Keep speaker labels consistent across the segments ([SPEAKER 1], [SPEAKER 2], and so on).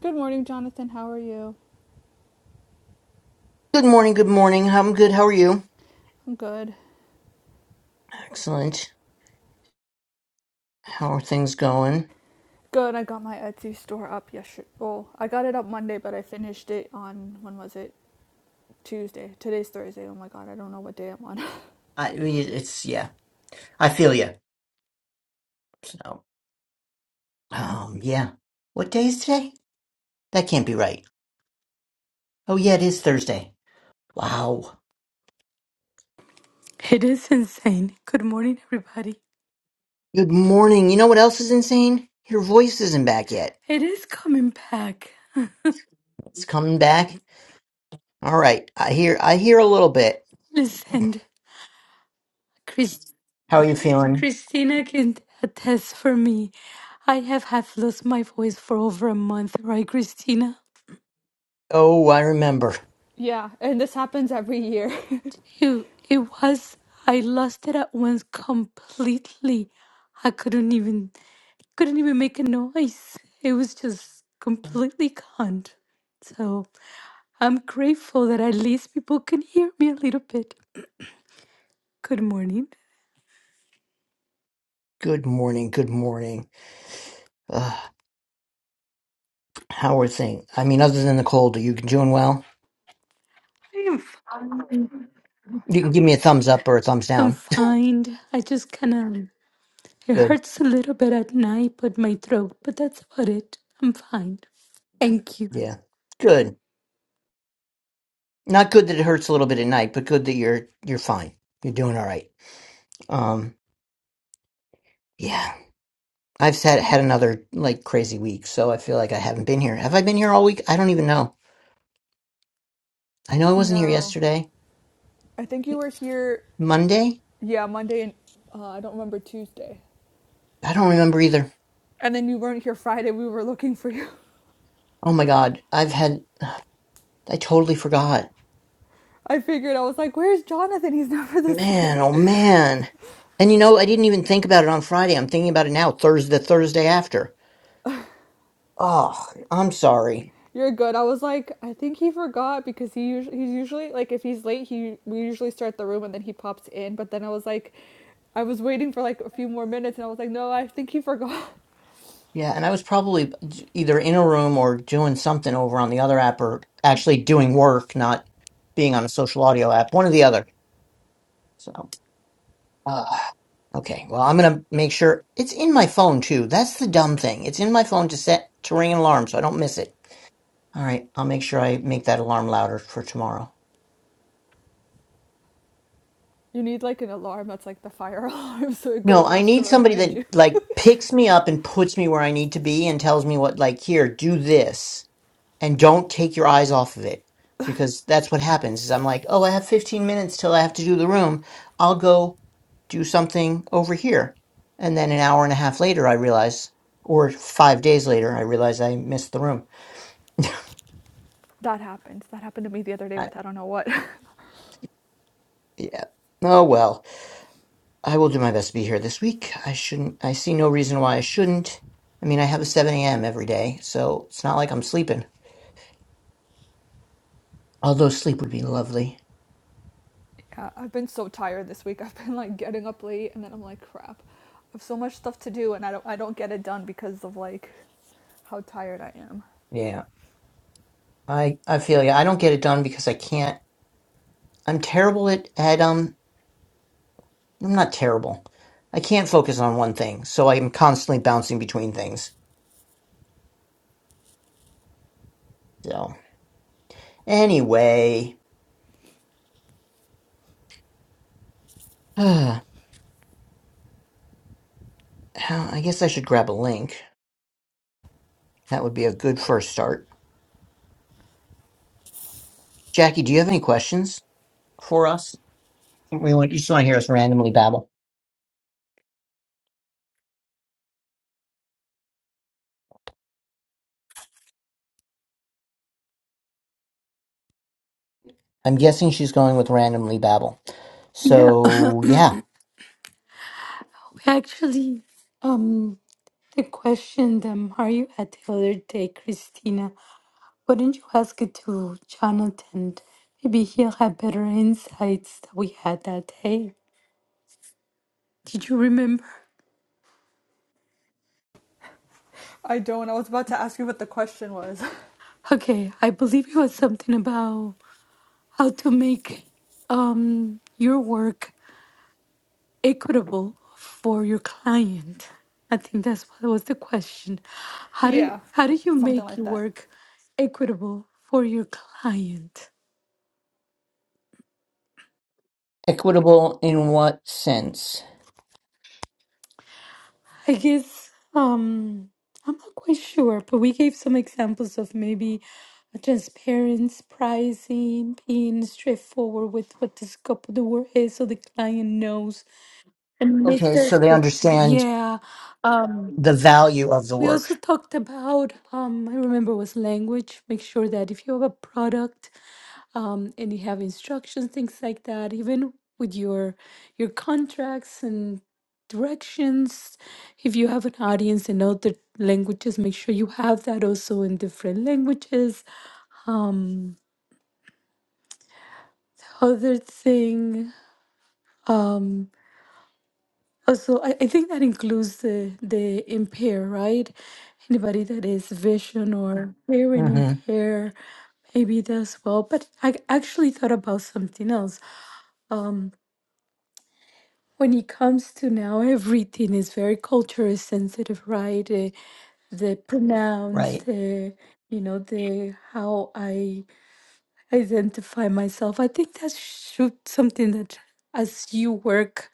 [SPEAKER 1] Good morning, Jonathan. How are you?
[SPEAKER 2] Good morning, good morning. I'm good. How are you?
[SPEAKER 1] I'm good.
[SPEAKER 2] Excellent. How are things going?
[SPEAKER 1] Good. I got my Etsy store up yesterday. Well, I got it up Monday, but I finished it on when was it? Tuesday. Today's Thursday. Oh my god, I don't know what day I'm on.
[SPEAKER 2] I I mean, it's yeah. I feel you. So, um, yeah. What day is today? That can't be right. Oh yeah, it is Thursday. Wow.
[SPEAKER 3] It is insane. Good morning, everybody.
[SPEAKER 2] Good morning. You know what else is insane? Your voice isn't back yet.
[SPEAKER 3] It is coming back.
[SPEAKER 2] It's coming back. All right. I hear I hear a little bit.
[SPEAKER 3] Listen, Chris,
[SPEAKER 2] How are you feeling?
[SPEAKER 3] Christina can attest for me. I have had lost my voice for over a month, right, Christina?
[SPEAKER 2] Oh, I remember.
[SPEAKER 1] yeah, and this happens every year.
[SPEAKER 3] You, it was, I lost it at once completely. I couldn't even, couldn't even make a noise. It was just completely gone. So I'm grateful that at least people can hear me a little bit. Good morning.
[SPEAKER 2] Good morning. Good morning. Ugh, how are things? I mean, other than the cold, are you doing well?
[SPEAKER 3] I'm f-
[SPEAKER 2] You can give me a thumbs up or a thumbs
[SPEAKER 3] I'm
[SPEAKER 2] down.
[SPEAKER 3] fine. I just kind of it
[SPEAKER 2] Good.
[SPEAKER 3] hurts a little bit at night, but my throat. But that's about it. I'm fine. Thank you.
[SPEAKER 2] Yeah. Good. Not good that it hurts a little bit at night, but good that you're you're fine. You're doing all right. Um yeah. I've had had another like crazy week, so I feel like I haven't been here. Have I been here all week? I don't even know. I know I wasn't here
[SPEAKER 1] no,
[SPEAKER 2] yesterday.
[SPEAKER 1] I think you were here.
[SPEAKER 2] Monday?
[SPEAKER 1] Yeah, Monday and uh, I don't remember Tuesday.
[SPEAKER 2] I don't remember either.
[SPEAKER 1] And then you weren't here Friday. We were looking for you.
[SPEAKER 2] Oh my god. I've had I totally forgot.
[SPEAKER 1] I figured I was like, "Where's Jonathan? He's never this
[SPEAKER 2] Man,
[SPEAKER 1] late."
[SPEAKER 2] oh man. And you know, I didn't even think about it on Friday. I'm thinking about it now, Thursday the Thursday after. Oh, I'm sorry.
[SPEAKER 1] you're good. I was like, I think he forgot because he usually he's usually like if he's late, he we usually start the room and then he pops in. But then I was like, I was waiting for like a few more minutes, and I was like, no, I think he forgot.
[SPEAKER 2] Yeah, and I was probably either in a room or doing something over on the other app or actually doing work, not being on a social audio app, one or the other. So, uh, okay, well, I'm going to make sure it's in my phone too. That's the dumb thing. It's in my phone to set to ring an alarm so I don't miss it. All right, I'll make sure I make that alarm louder for tomorrow.
[SPEAKER 1] You need like an alarm that's like the fire alarm, so it
[SPEAKER 2] No,
[SPEAKER 1] goes
[SPEAKER 2] I
[SPEAKER 1] off to
[SPEAKER 2] need somebody
[SPEAKER 1] remind
[SPEAKER 2] that
[SPEAKER 1] you.
[SPEAKER 2] like picks me up and puts me where I need to be and tells me what like here, do this. and don't take your eyes off of it because that's what happens is i'm like oh i have 15 minutes till i have to do the room i'll go do something over here and then an hour and a half later i realize or five days later i realize i missed the room
[SPEAKER 1] That happened. That happened to me the other day
[SPEAKER 2] I,
[SPEAKER 1] with I don't know what.
[SPEAKER 2] yeah oh well i will do my best to be here this week i shouldn't i see no reason why i shouldn't i mean i have a 7 a.m every day so it's not like i'm sleeping although sleep would be lovely
[SPEAKER 1] Yeah, I've been so tired this week. I've been like getting up late, and then I'm like, crap. I have so much stuff to do, and I don't I don't get it done because of like how tired I am.
[SPEAKER 2] yeah i i feel you i don't get it done because i can't I'm terrible at, at um I'm not terrible. I can't focus on one thing, so I'm constantly bouncing between things. So anyway, I guess I should grab a link. That would be a good first start. Jackie, do you have any questions for us? We want you just want to hear us randomly babble. I'm guessing she's going with randomly babble. So yeah,
[SPEAKER 3] We actually um the question that Mario had the other day, Christina. Wouldn't you ask it to Jonathan? Maybe he'll have better insights that we had that day. Did you remember?
[SPEAKER 1] I don't. I was about to ask you what the question was.
[SPEAKER 3] Okay, I believe it was something about how to make um your work equitable for your client? I think that's what was the question. How do
[SPEAKER 1] Yeah.
[SPEAKER 3] how do you
[SPEAKER 1] Something
[SPEAKER 3] make
[SPEAKER 1] like
[SPEAKER 3] your
[SPEAKER 1] that.
[SPEAKER 3] work equitable for your client?
[SPEAKER 2] equitable in what sense?
[SPEAKER 3] I guess um I'm not quite sure, but we gave some examples of maybe a transparency, pricing, being straightforward with what the scope of the work is so the client knows and meets
[SPEAKER 2] Okay,
[SPEAKER 3] their
[SPEAKER 2] so they
[SPEAKER 3] expectation.
[SPEAKER 2] understand
[SPEAKER 3] Yeah. um,
[SPEAKER 2] the value of the
[SPEAKER 3] We also
[SPEAKER 2] work.
[SPEAKER 3] talked about, um, I remember was language. Make sure that if you have a product um, and you have instructions, things like that, even with your your contracts and directions, if you have an audience in other languages, make sure you have that also in different languages. Other thing. um, Also, I, I think that includes the the impair, right? Anybody that is vision or hearing
[SPEAKER 2] Mm-hmm.
[SPEAKER 3] impair, maybe that's well. But I actually thought about something else. When it comes to now, everything is very culturally sensitive, right? Uh, the pronouns,
[SPEAKER 2] Right.
[SPEAKER 3] the you know, the how I identify myself. I think that should something that as you work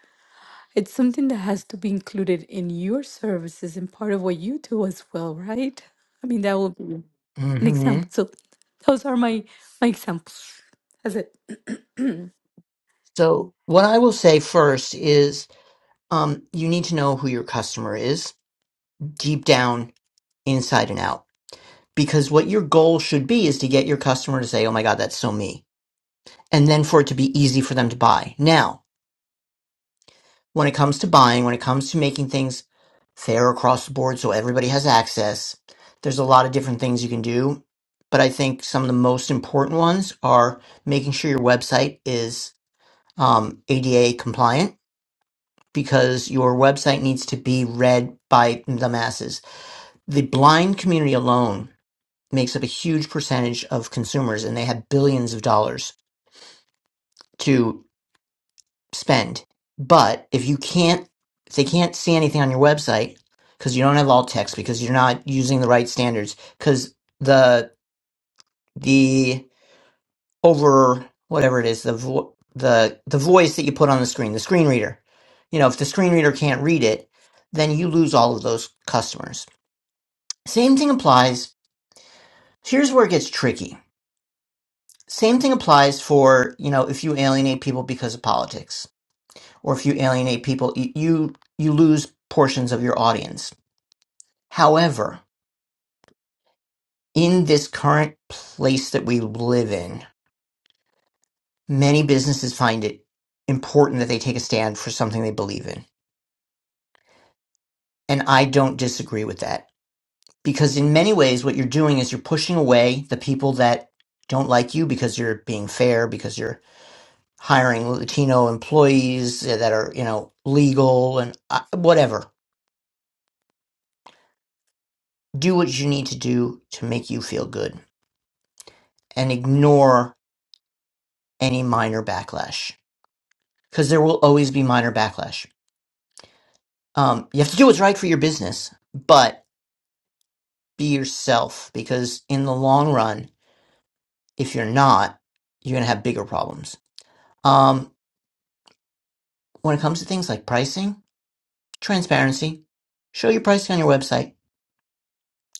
[SPEAKER 3] It's something that has to be included in your services and part of what you do as well, right? I mean, that would be an example. So those are my my examples. That's it.
[SPEAKER 2] So, what I will say first is um, you need to know who your customer is deep down, inside and out. Because what your goal should be is to get your customer to say, oh my God, that's so me. And then for it to be easy for them to buy. Now, when it comes to buying, when it comes to making things fair across the board so everybody has access, there's a lot of different things you can do. But I think some of the most important ones are making sure your website is um, ADA compliant because your website needs to be read by the masses. The blind community alone makes up a huge percentage of consumers and they have billions of dollars to spend. But if you can't, if they can't see anything on your website because you don't have alt text, because you're not using the right standards, because the, the over whatever it is, the, vo- the, the voice that you put on the screen, the screen reader, you know, if the screen reader can't read it, then you lose all of those customers. Same thing applies. Here's where it gets tricky. Same thing applies for, you know, if you alienate people because of politics, or if you alienate people, y- you you lose portions of your audience. However, in this current place that we live in, many businesses find it important that they take a stand for something they believe in. And I don't disagree with that because in many ways what you're doing is you're pushing away the people that don't like you because you're being fair, because you're hiring Latino employees that are, you know, legal and uh, whatever. Do what you need to do to make you feel good and ignore any minor backlash because there will always be minor backlash. Um, you have to do what's right for your business, but be yourself because in the long run, if you're not, you're going to have bigger problems. Um, when it comes to things like pricing, transparency, show your pricing on your website,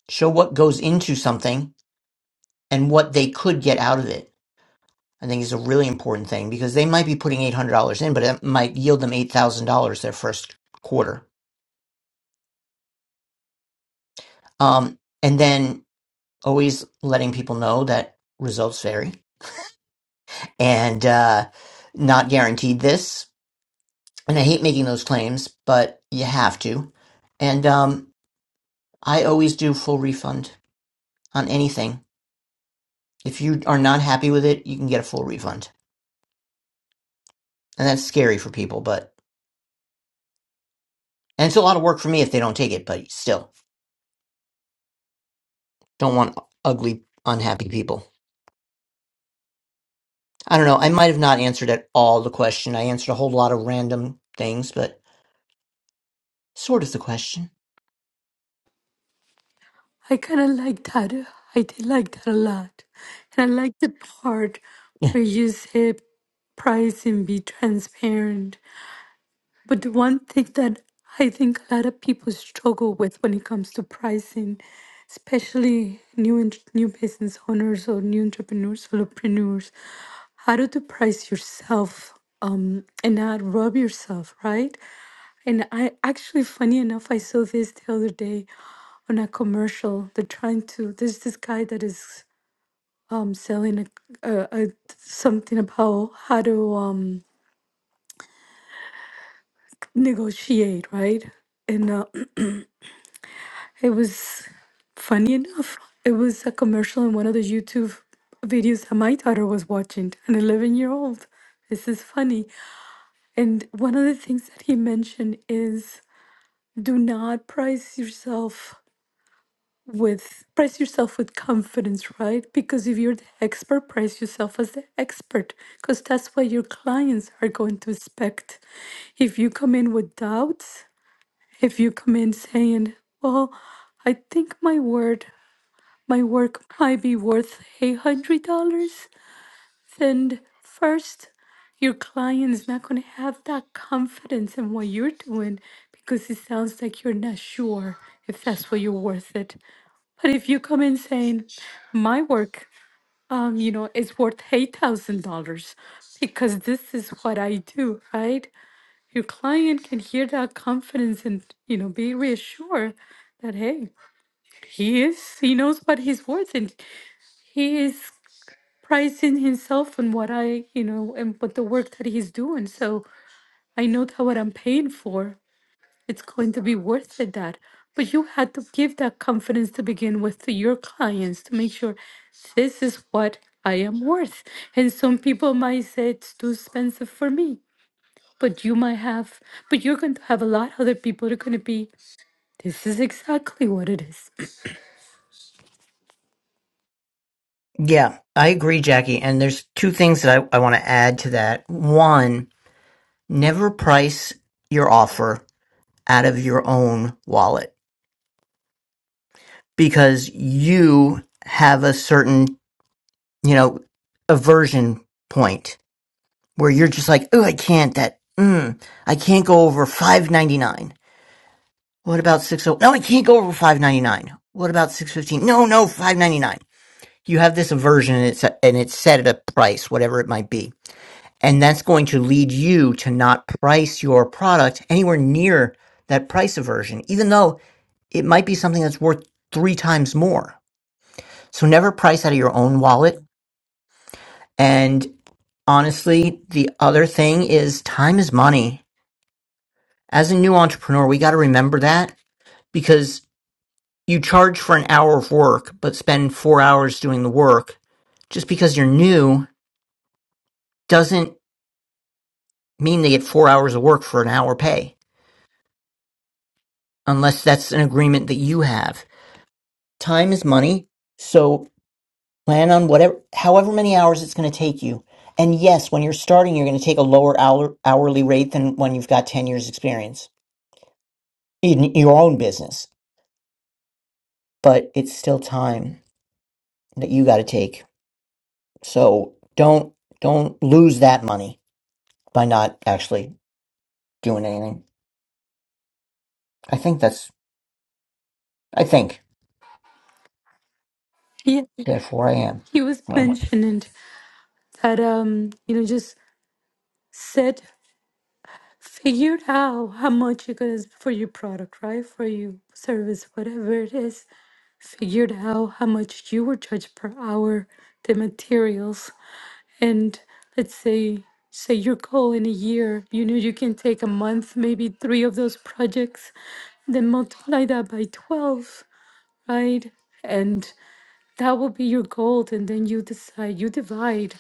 [SPEAKER 2] show what goes into something and what they could get out of it I think is a really important thing because they might be putting eight hundred dollars in, but it might yield them eight thousand dollars their first quarter. Um, and then always letting people know that results vary and uh, not guaranteed this. And I hate making those claims, but you have to. And um, I always do full refund on anything. If you are not happy with it, you can get a full refund, and that's scary for people. But and it's a lot of work for me if they don't take it. But still, don't want ugly, unhappy people. I don't know. I might have not answered at all the question. I answered a whole lot of random things, but sort of the question.
[SPEAKER 3] I kind of like that. I did like that a lot, and I like the part where you said pricing be transparent But the one thing that I think a lot of people struggle with when it comes to pricing, especially new in- new business owners or new entrepreneurs, solopreneurs, how to, to price yourself um, and not rob yourself, right? And I actually, funny enough, I saw this the other day on a commercial. They're trying to. There's this guy that is um, selling a, a, a something about how to um, negotiate, right? and. uh, It was funny enough. It was a commercial in one of the YouTube videos that my daughter was watching, an 11 year old. This is funny. And one of the things that he mentioned is do not price yourself with price yourself with confidence, right? Because if you're the expert, price yourself as the expert because that's what your clients are going to expect. If you come in with doubts, if you come in saying, "Well, I think my word my work might be worth $800, then first, your client's not going to have that confidence in what you're doing because it sounds like you're not sure if that's what you're worth it. But if you come in saying, my work, um, you know, is worth $8,000 because this is what I do, right? Your client can hear that confidence and, you know, be reassured that, hey, he is, he knows what he's worth and he is Pricing himself and what I, you know, and but the work that he's doing. So I know that what I'm paying for, it's going to be worth it. That, but you had to give that confidence to begin with to your clients to make sure this is what I am worth. And some people might say it's too expensive for me, but you might have, but you're going to have a lot of other people that are going to be. This is exactly what it is.
[SPEAKER 2] yeah, I agree, Jackie. And there's two things that I, I want to add to that. One, never price your offer out of your own wallet because you have a certain, you know, aversion point where you're just like, oh, I can't that. Mm, I can't go over 5.99 What about six oh? No, it can't go over five ninety nine. What about six fifteen? No, no, five ninety nine. You have this aversion, and it's and it's set at a price, whatever it might be, and that's going to lead you to not price your product anywhere near that price aversion, even though it might be something that's worth three times more. So never price out of your own wallet. And honestly, the other thing is time is money. As a new entrepreneur, we got to remember that because You charge for an hour of work, but spend four hours doing the work. Just because you're new doesn't mean they get four hours of work for an hour pay, unless that's an agreement that you have. Time is money, so plan on whatever, however many hours it's going to take you. And yes, when you're starting, you're going to take a lower hour, hourly rate than when you've got 10 years experience in your own business, but it's still time that you got to take. So don't, don't lose that money by not actually doing anything. I think that's. I think.
[SPEAKER 3] Yeah,
[SPEAKER 2] Therefore, I am.
[SPEAKER 3] he was
[SPEAKER 2] Well,
[SPEAKER 3] mentioning that um, you know, just set figured out how much it is for your product, right? For your service, whatever it is. Figured out how much you were charged per hour, the materials, and let's say say your goal in a year. You know you can take a month, maybe three of those projects, then multiply that by twelve, right? And that will be your goal, and then you decide, you divide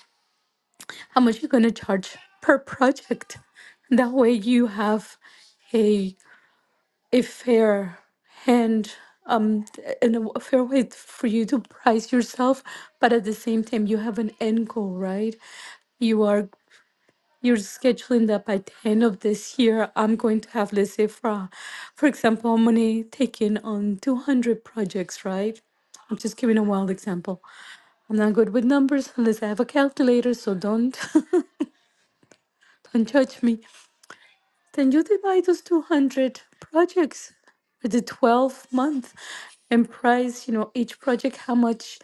[SPEAKER 3] how much you're gonna charge per project. That way you have a a fair hand um th- and a w- a fair way for you to price yourself but at the same time you have an end goal right you are you're scheduling that by the end of this year i'm going to have let's say for uh, for example i'm gonna take in on 200 projects right i'm just giving a wild example i'm not good with numbers unless i have a calculator so don't don't judge me Then you divide those 200 projects with the 12 month and price, you know, each project, how much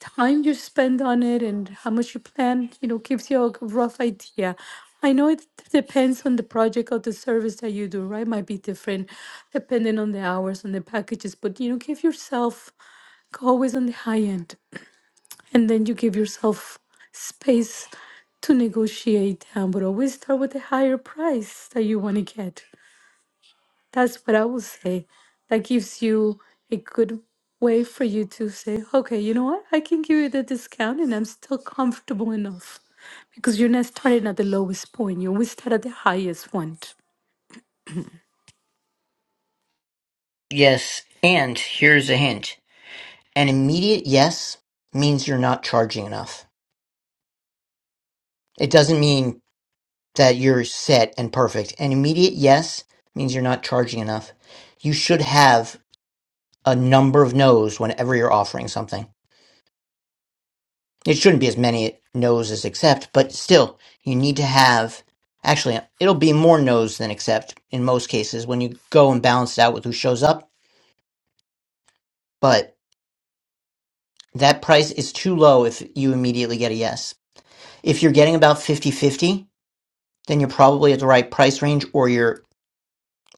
[SPEAKER 3] time you spend on it and how much you plan, you know, gives you a g- rough idea. I know it depends on the project or the service that you do, right? Might be different depending on the hours and the packages, but you know, give yourself go always on the high end. And then you give yourself space to negotiate down, but always start with the higher price that you want to get. That's what I would say. That gives you a good way for you to say, okay, you know what? I can give you the discount and I'm still comfortable enough because you're not starting at the lowest point. You always start at the highest one.
[SPEAKER 2] Yes, and here's a hint. An immediate yes means you're not charging enough. It doesn't mean that you're set and perfect. An immediate yes means you're not charging enough. You should have a number of no's whenever you're offering something. It shouldn't be as many no's as accept, but still, you need to have. Actually, it'll be more no's than accept in most cases when you go and balance it out with who shows up. But That price is too low if you immediately get a yes. If you're getting about fifty-fifty, then you're probably at the right price range or your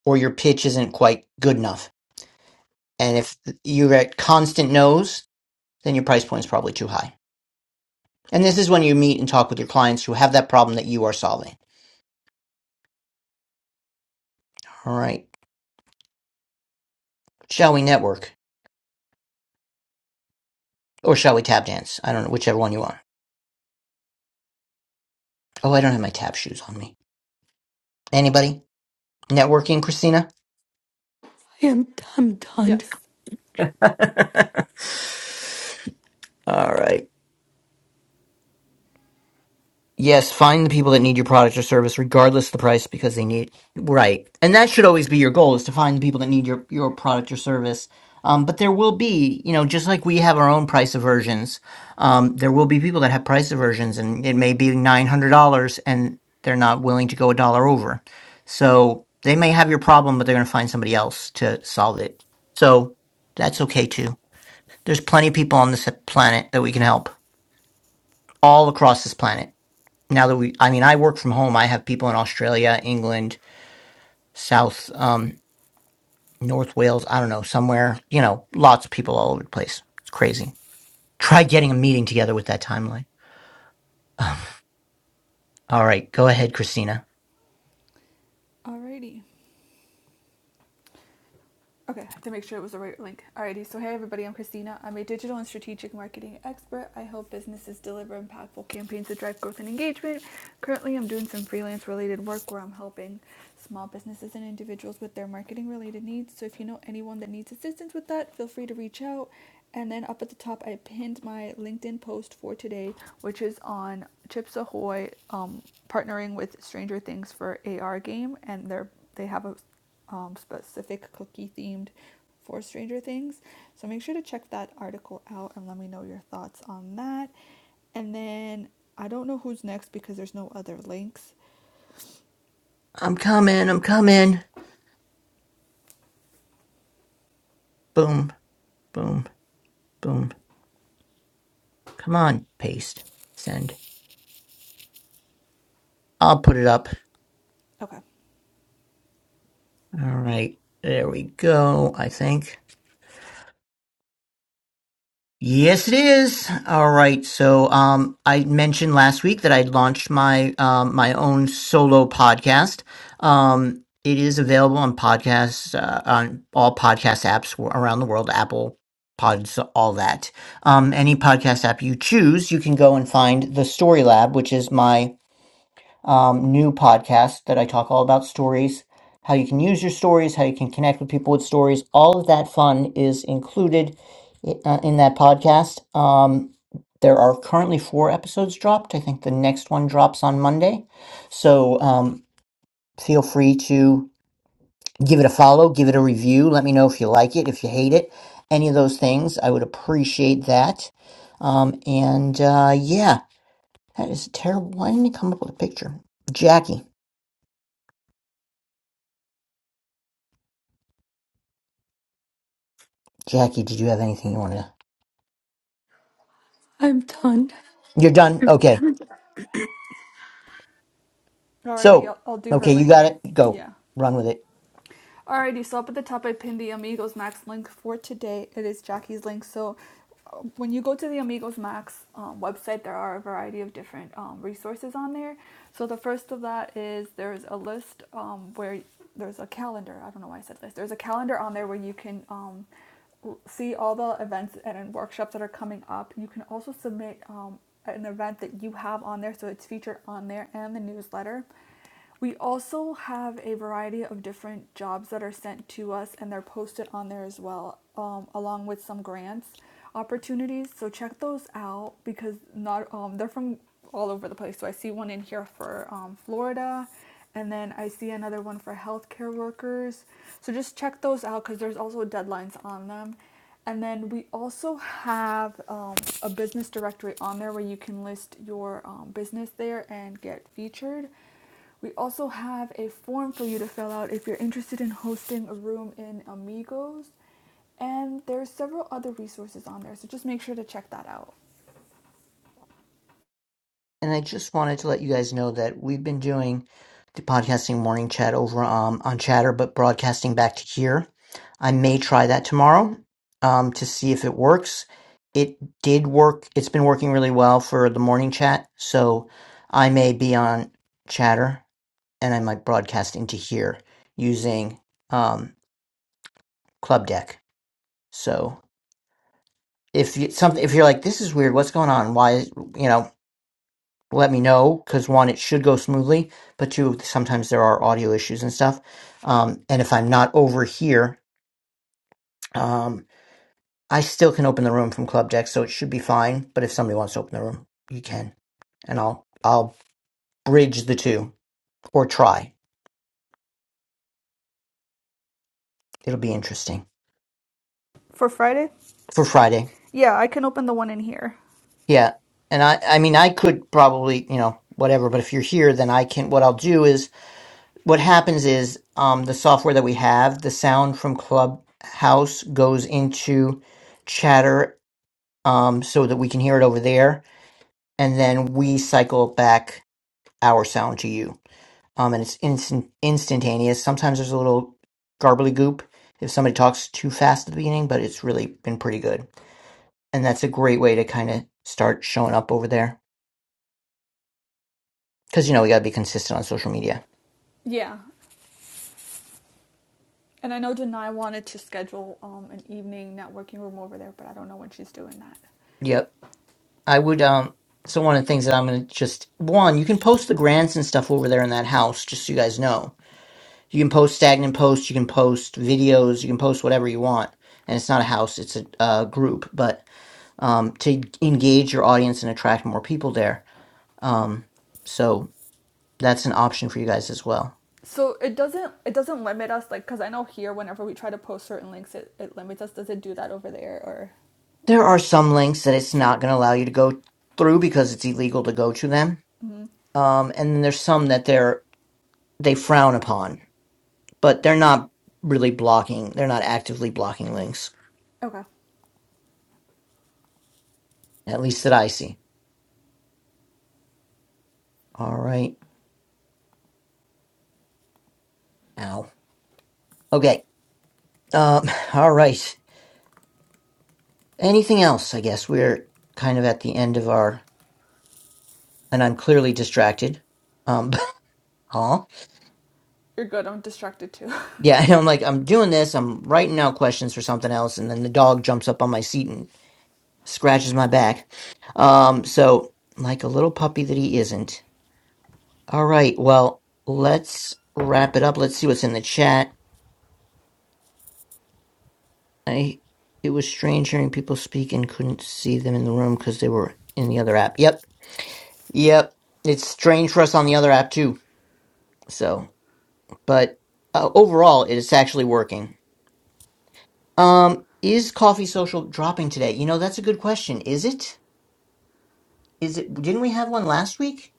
[SPEAKER 2] or your pitch isn't quite good enough. And if you're at constant no's, then your price point is probably too high. And this is when you meet and talk with your clients who have that problem that you are solving. All right. Shall we network or shall we tap dance? I don't know whichever one you want. Oh, I don't have my tap shoes on me. Anybody? Networking, Christina?
[SPEAKER 3] I am, I'm done.
[SPEAKER 1] Yes.
[SPEAKER 2] All right. Yes, find the people that need your product or service, regardless of the price, because they need right, and that should always be your goal: is to find the people that need your your product or service. Um, but there will be, you know, just like we have our own price aversions, um, there will be people that have price aversions, and it may be nine hundred dollars, and they're not willing to go a dollar over. So they may have your problem, but they're going to find somebody else to solve it. So that's okay too. There's plenty of people on this planet that we can help, all across this planet now that we i mean i work from home i have people in australia england south um north wales i don't know somewhere you know lots of people all over the place it's crazy try getting a meeting together with that timeline Um, all right go ahead christina
[SPEAKER 1] Alrighty. Okay, I have to make sure it was the right link. Alrighty, so hey everybody, I'm Christina. I'm a digital and strategic marketing expert. I help businesses deliver impactful campaigns that drive growth and engagement. Currently, I'm doing some freelance related work where I'm helping small businesses and individuals with their marketing related needs. So if you know anyone that needs assistance with that, feel free to reach out. And then up at the top, I pinned my LinkedIn post for today, which is on Chips Ahoy um, partnering with Stranger Things for AR game, and they're they have a um, specific cookie themed for Stranger Things. So make sure to check that article out and let me know your thoughts on that. And then I don't know who's next because there's no other links.
[SPEAKER 2] i'm coming i'm coming boom boom boom come on paste send i'll put it up
[SPEAKER 1] Okay.
[SPEAKER 2] all right there we go i think Yes, it is. All right. So, um, I mentioned last week that I launched my um, my own solo podcast. Um, it is available on podcasts uh, on all podcast apps w- around the world, Apple Pods, all that. Um, any podcast app you choose, you can go and find the Story Lab, which is my um, new podcast that I talk all about stories, how you can use your stories, how you can connect with people with stories. All of that fun is included uh, in that podcast. Um, there are currently four episodes dropped. I think the next one drops on Monday. So um, feel free to give it a follow, give it a review. Let me know if you like it, if you hate it, any of those things. I would appreciate that. Um, and uh, yeah, that is terrible. Why didn't he come up with a picture? Jackie. Jackie, did you have anything you wanted to?
[SPEAKER 3] I'm done.
[SPEAKER 2] You're done? Okay.
[SPEAKER 1] Alrighty,
[SPEAKER 2] So,
[SPEAKER 1] I'll, I'll do her
[SPEAKER 2] okay, you
[SPEAKER 1] link.
[SPEAKER 2] got it. Go.
[SPEAKER 1] Yeah.
[SPEAKER 2] Run with it.
[SPEAKER 1] Alrighty, so up at the top I pinned the Amigos Max link for today. It is Jackie's link. So uh, when you go to the Amigos Max um, website, there are a variety of different um, resources on there. So the first of that is there's a list um, where there's a calendar. I don't know why I said list. There's a calendar on there where you can um, see all the events and workshops that are coming up. You can also submit um, an event that you have on there, so it's featured on there and the newsletter. We also have a variety of different jobs that are sent to us and they're posted on there as well, um, along with some grants opportunities. So check those out because not um, they're from all over the place. So I see one in here for um, Florida, and then I see another one for healthcare workers. So just check those out because there's also deadlines on them. And then we also have um, a business directory on there where you can list your um, business there and get featured. We also have a form for you to fill out if you're interested in hosting a room in Amigos. And there's several other resources on there, so just make sure to check that out.
[SPEAKER 2] And I just wanted to let you guys know that we've been doing the podcasting morning chat over um, on Chatter, but broadcasting back to here. I may try that tomorrow um, to see if it works. It did work. It's been working really well for the morning chat. So I may be on Chatter and I might broadcast into here using um, Club Deck. So. if you, something if you're like this is weird what's going on why is- you know let me know because one it should go smoothly but two sometimes there are audio issues and stuff um, and if i'm not over here um, i still can open the room from club deck so it should be fine but if somebody wants to open the room you can and i'll i'll bridge the two or try it'll be interesting
[SPEAKER 1] For Friday?
[SPEAKER 2] for friday
[SPEAKER 1] Yeah, I can open the one in here.
[SPEAKER 2] yeah and i i mean i could probably you know whatever but if you're here then i can what i'll do is what happens is um, the software that we have, the sound from Clubhouse goes into Chatter um, so that we can hear it over there, and then we cycle back our sound to you. Um, and it's instant instantaneous. Sometimes there's a little garbly goop if somebody talks too fast at the beginning, but it's really been pretty good. And that's a great way to kind of start showing up over there because you know we gotta be consistent on social media.
[SPEAKER 1] Yeah. And I know Denai wanted to schedule um, an evening networking room over there, but I don't know when she's doing that.
[SPEAKER 2] Yep. I would um so one of the things that I'm gonna just one, you can post the grants and stuff over there in that house, just so you guys know. You can post stagnant posts, you can post videos, you can post whatever you want. And it's not a house, it's a, uh group, but um to engage your audience and attract more people there. Um so that's an option for you guys as well.
[SPEAKER 1] So it doesn't it doesn't limit us like because I know here whenever we try to post certain links it, it limits us. Does it do that over there or?
[SPEAKER 2] There are some links that it's not gonna allow you to go through because it's illegal to go to them.
[SPEAKER 1] Mhm.
[SPEAKER 2] Um and then there's some that they're they frown upon but they're not really blocking. They're not actively blocking links,
[SPEAKER 1] Okay,
[SPEAKER 2] at least that I see. All right. Ow. Okay. Um, all right. Anything else? I guess we're kind of at the end of our, and I'm clearly distracted. Um, huh?
[SPEAKER 1] you're good. I'm distracted too.
[SPEAKER 2] Yeah, and I'm like, I'm doing this. I'm writing out questions for something else, and then the dog jumps up on my seat and scratches my back. Um, so like a little puppy that he isn't. All right. Well, let's wrap it up. Let's see what's in the chat. I it was strange hearing people speak and couldn't see them in the room because they were in the other app. Yep, yep. It's strange for us on the other app too. So, but uh, overall, it's actually working. Um, is Coffee Social dropping today? You know, that's a good question. Is it? Is it? Didn't we have one last week,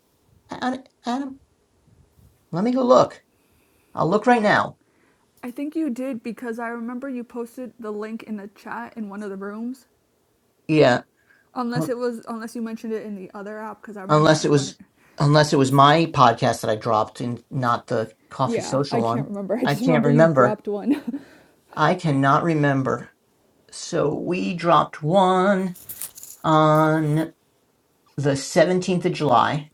[SPEAKER 2] Ad- Adam? Let me go look. I'll look right now.
[SPEAKER 1] I think you did because I remember you posted the link in the chat in one of the rooms.
[SPEAKER 2] Yeah,
[SPEAKER 1] Unless
[SPEAKER 2] un-
[SPEAKER 1] it was, unless you mentioned it in the other app, because I remember
[SPEAKER 2] unless
[SPEAKER 1] I
[SPEAKER 2] it was
[SPEAKER 1] went.
[SPEAKER 2] unless it was my podcast that I dropped and not the Coffee
[SPEAKER 1] Yeah, I
[SPEAKER 2] Social
[SPEAKER 1] can't
[SPEAKER 2] one.
[SPEAKER 1] remember. I
[SPEAKER 2] I
[SPEAKER 1] just
[SPEAKER 2] can't
[SPEAKER 1] remember you
[SPEAKER 2] remember.
[SPEAKER 1] dropped one.
[SPEAKER 2] I cannot remember. So we dropped one on the 17th of July.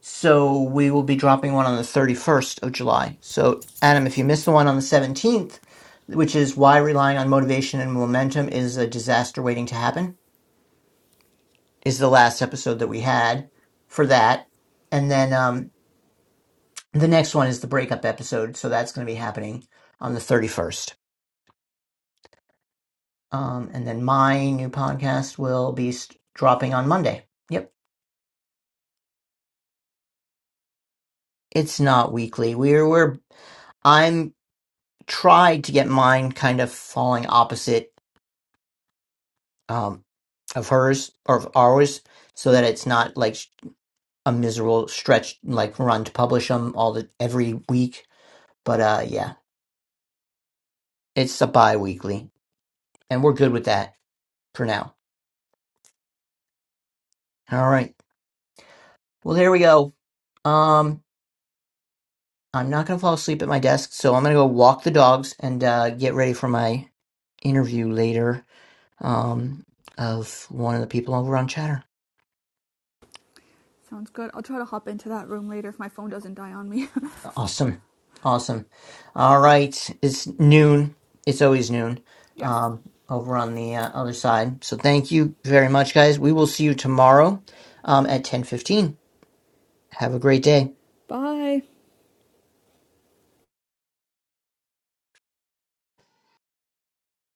[SPEAKER 2] So we will be dropping one on the 31st of July. So, Adam, if you missed the one on the 17th, which is why relying on motivation and momentum is a disaster waiting to happen, is the last episode that we had for that. And then um, the next one is the breakup episode. So that's going to be happening on the 31st. Um, and then my new podcast will be st- dropping on Monday. Yep, it's not weekly. We're we're I'm tried to get mine kind of falling opposite um, of hers or of ours, so that it's not like sh- a miserable stretch like run to publish them all the every week. But uh, yeah, it's a bi-weekly, and we're good with that for now. All right. Well, there we go. Um, I'm not gonna fall asleep at my desk, so I'm gonna go walk the dogs and uh, get ready for my interview later um, of one of the people over on Chatter.
[SPEAKER 1] Sounds good. I'll try to hop into that room later if my phone doesn't die on me.
[SPEAKER 2] Awesome, awesome. All right, it's noon. It's always noon
[SPEAKER 1] yes.
[SPEAKER 2] um, over on the uh, other side. So thank you very much, guys. We will see you tomorrow um, at 10:15. Have a great day.
[SPEAKER 1] Bye.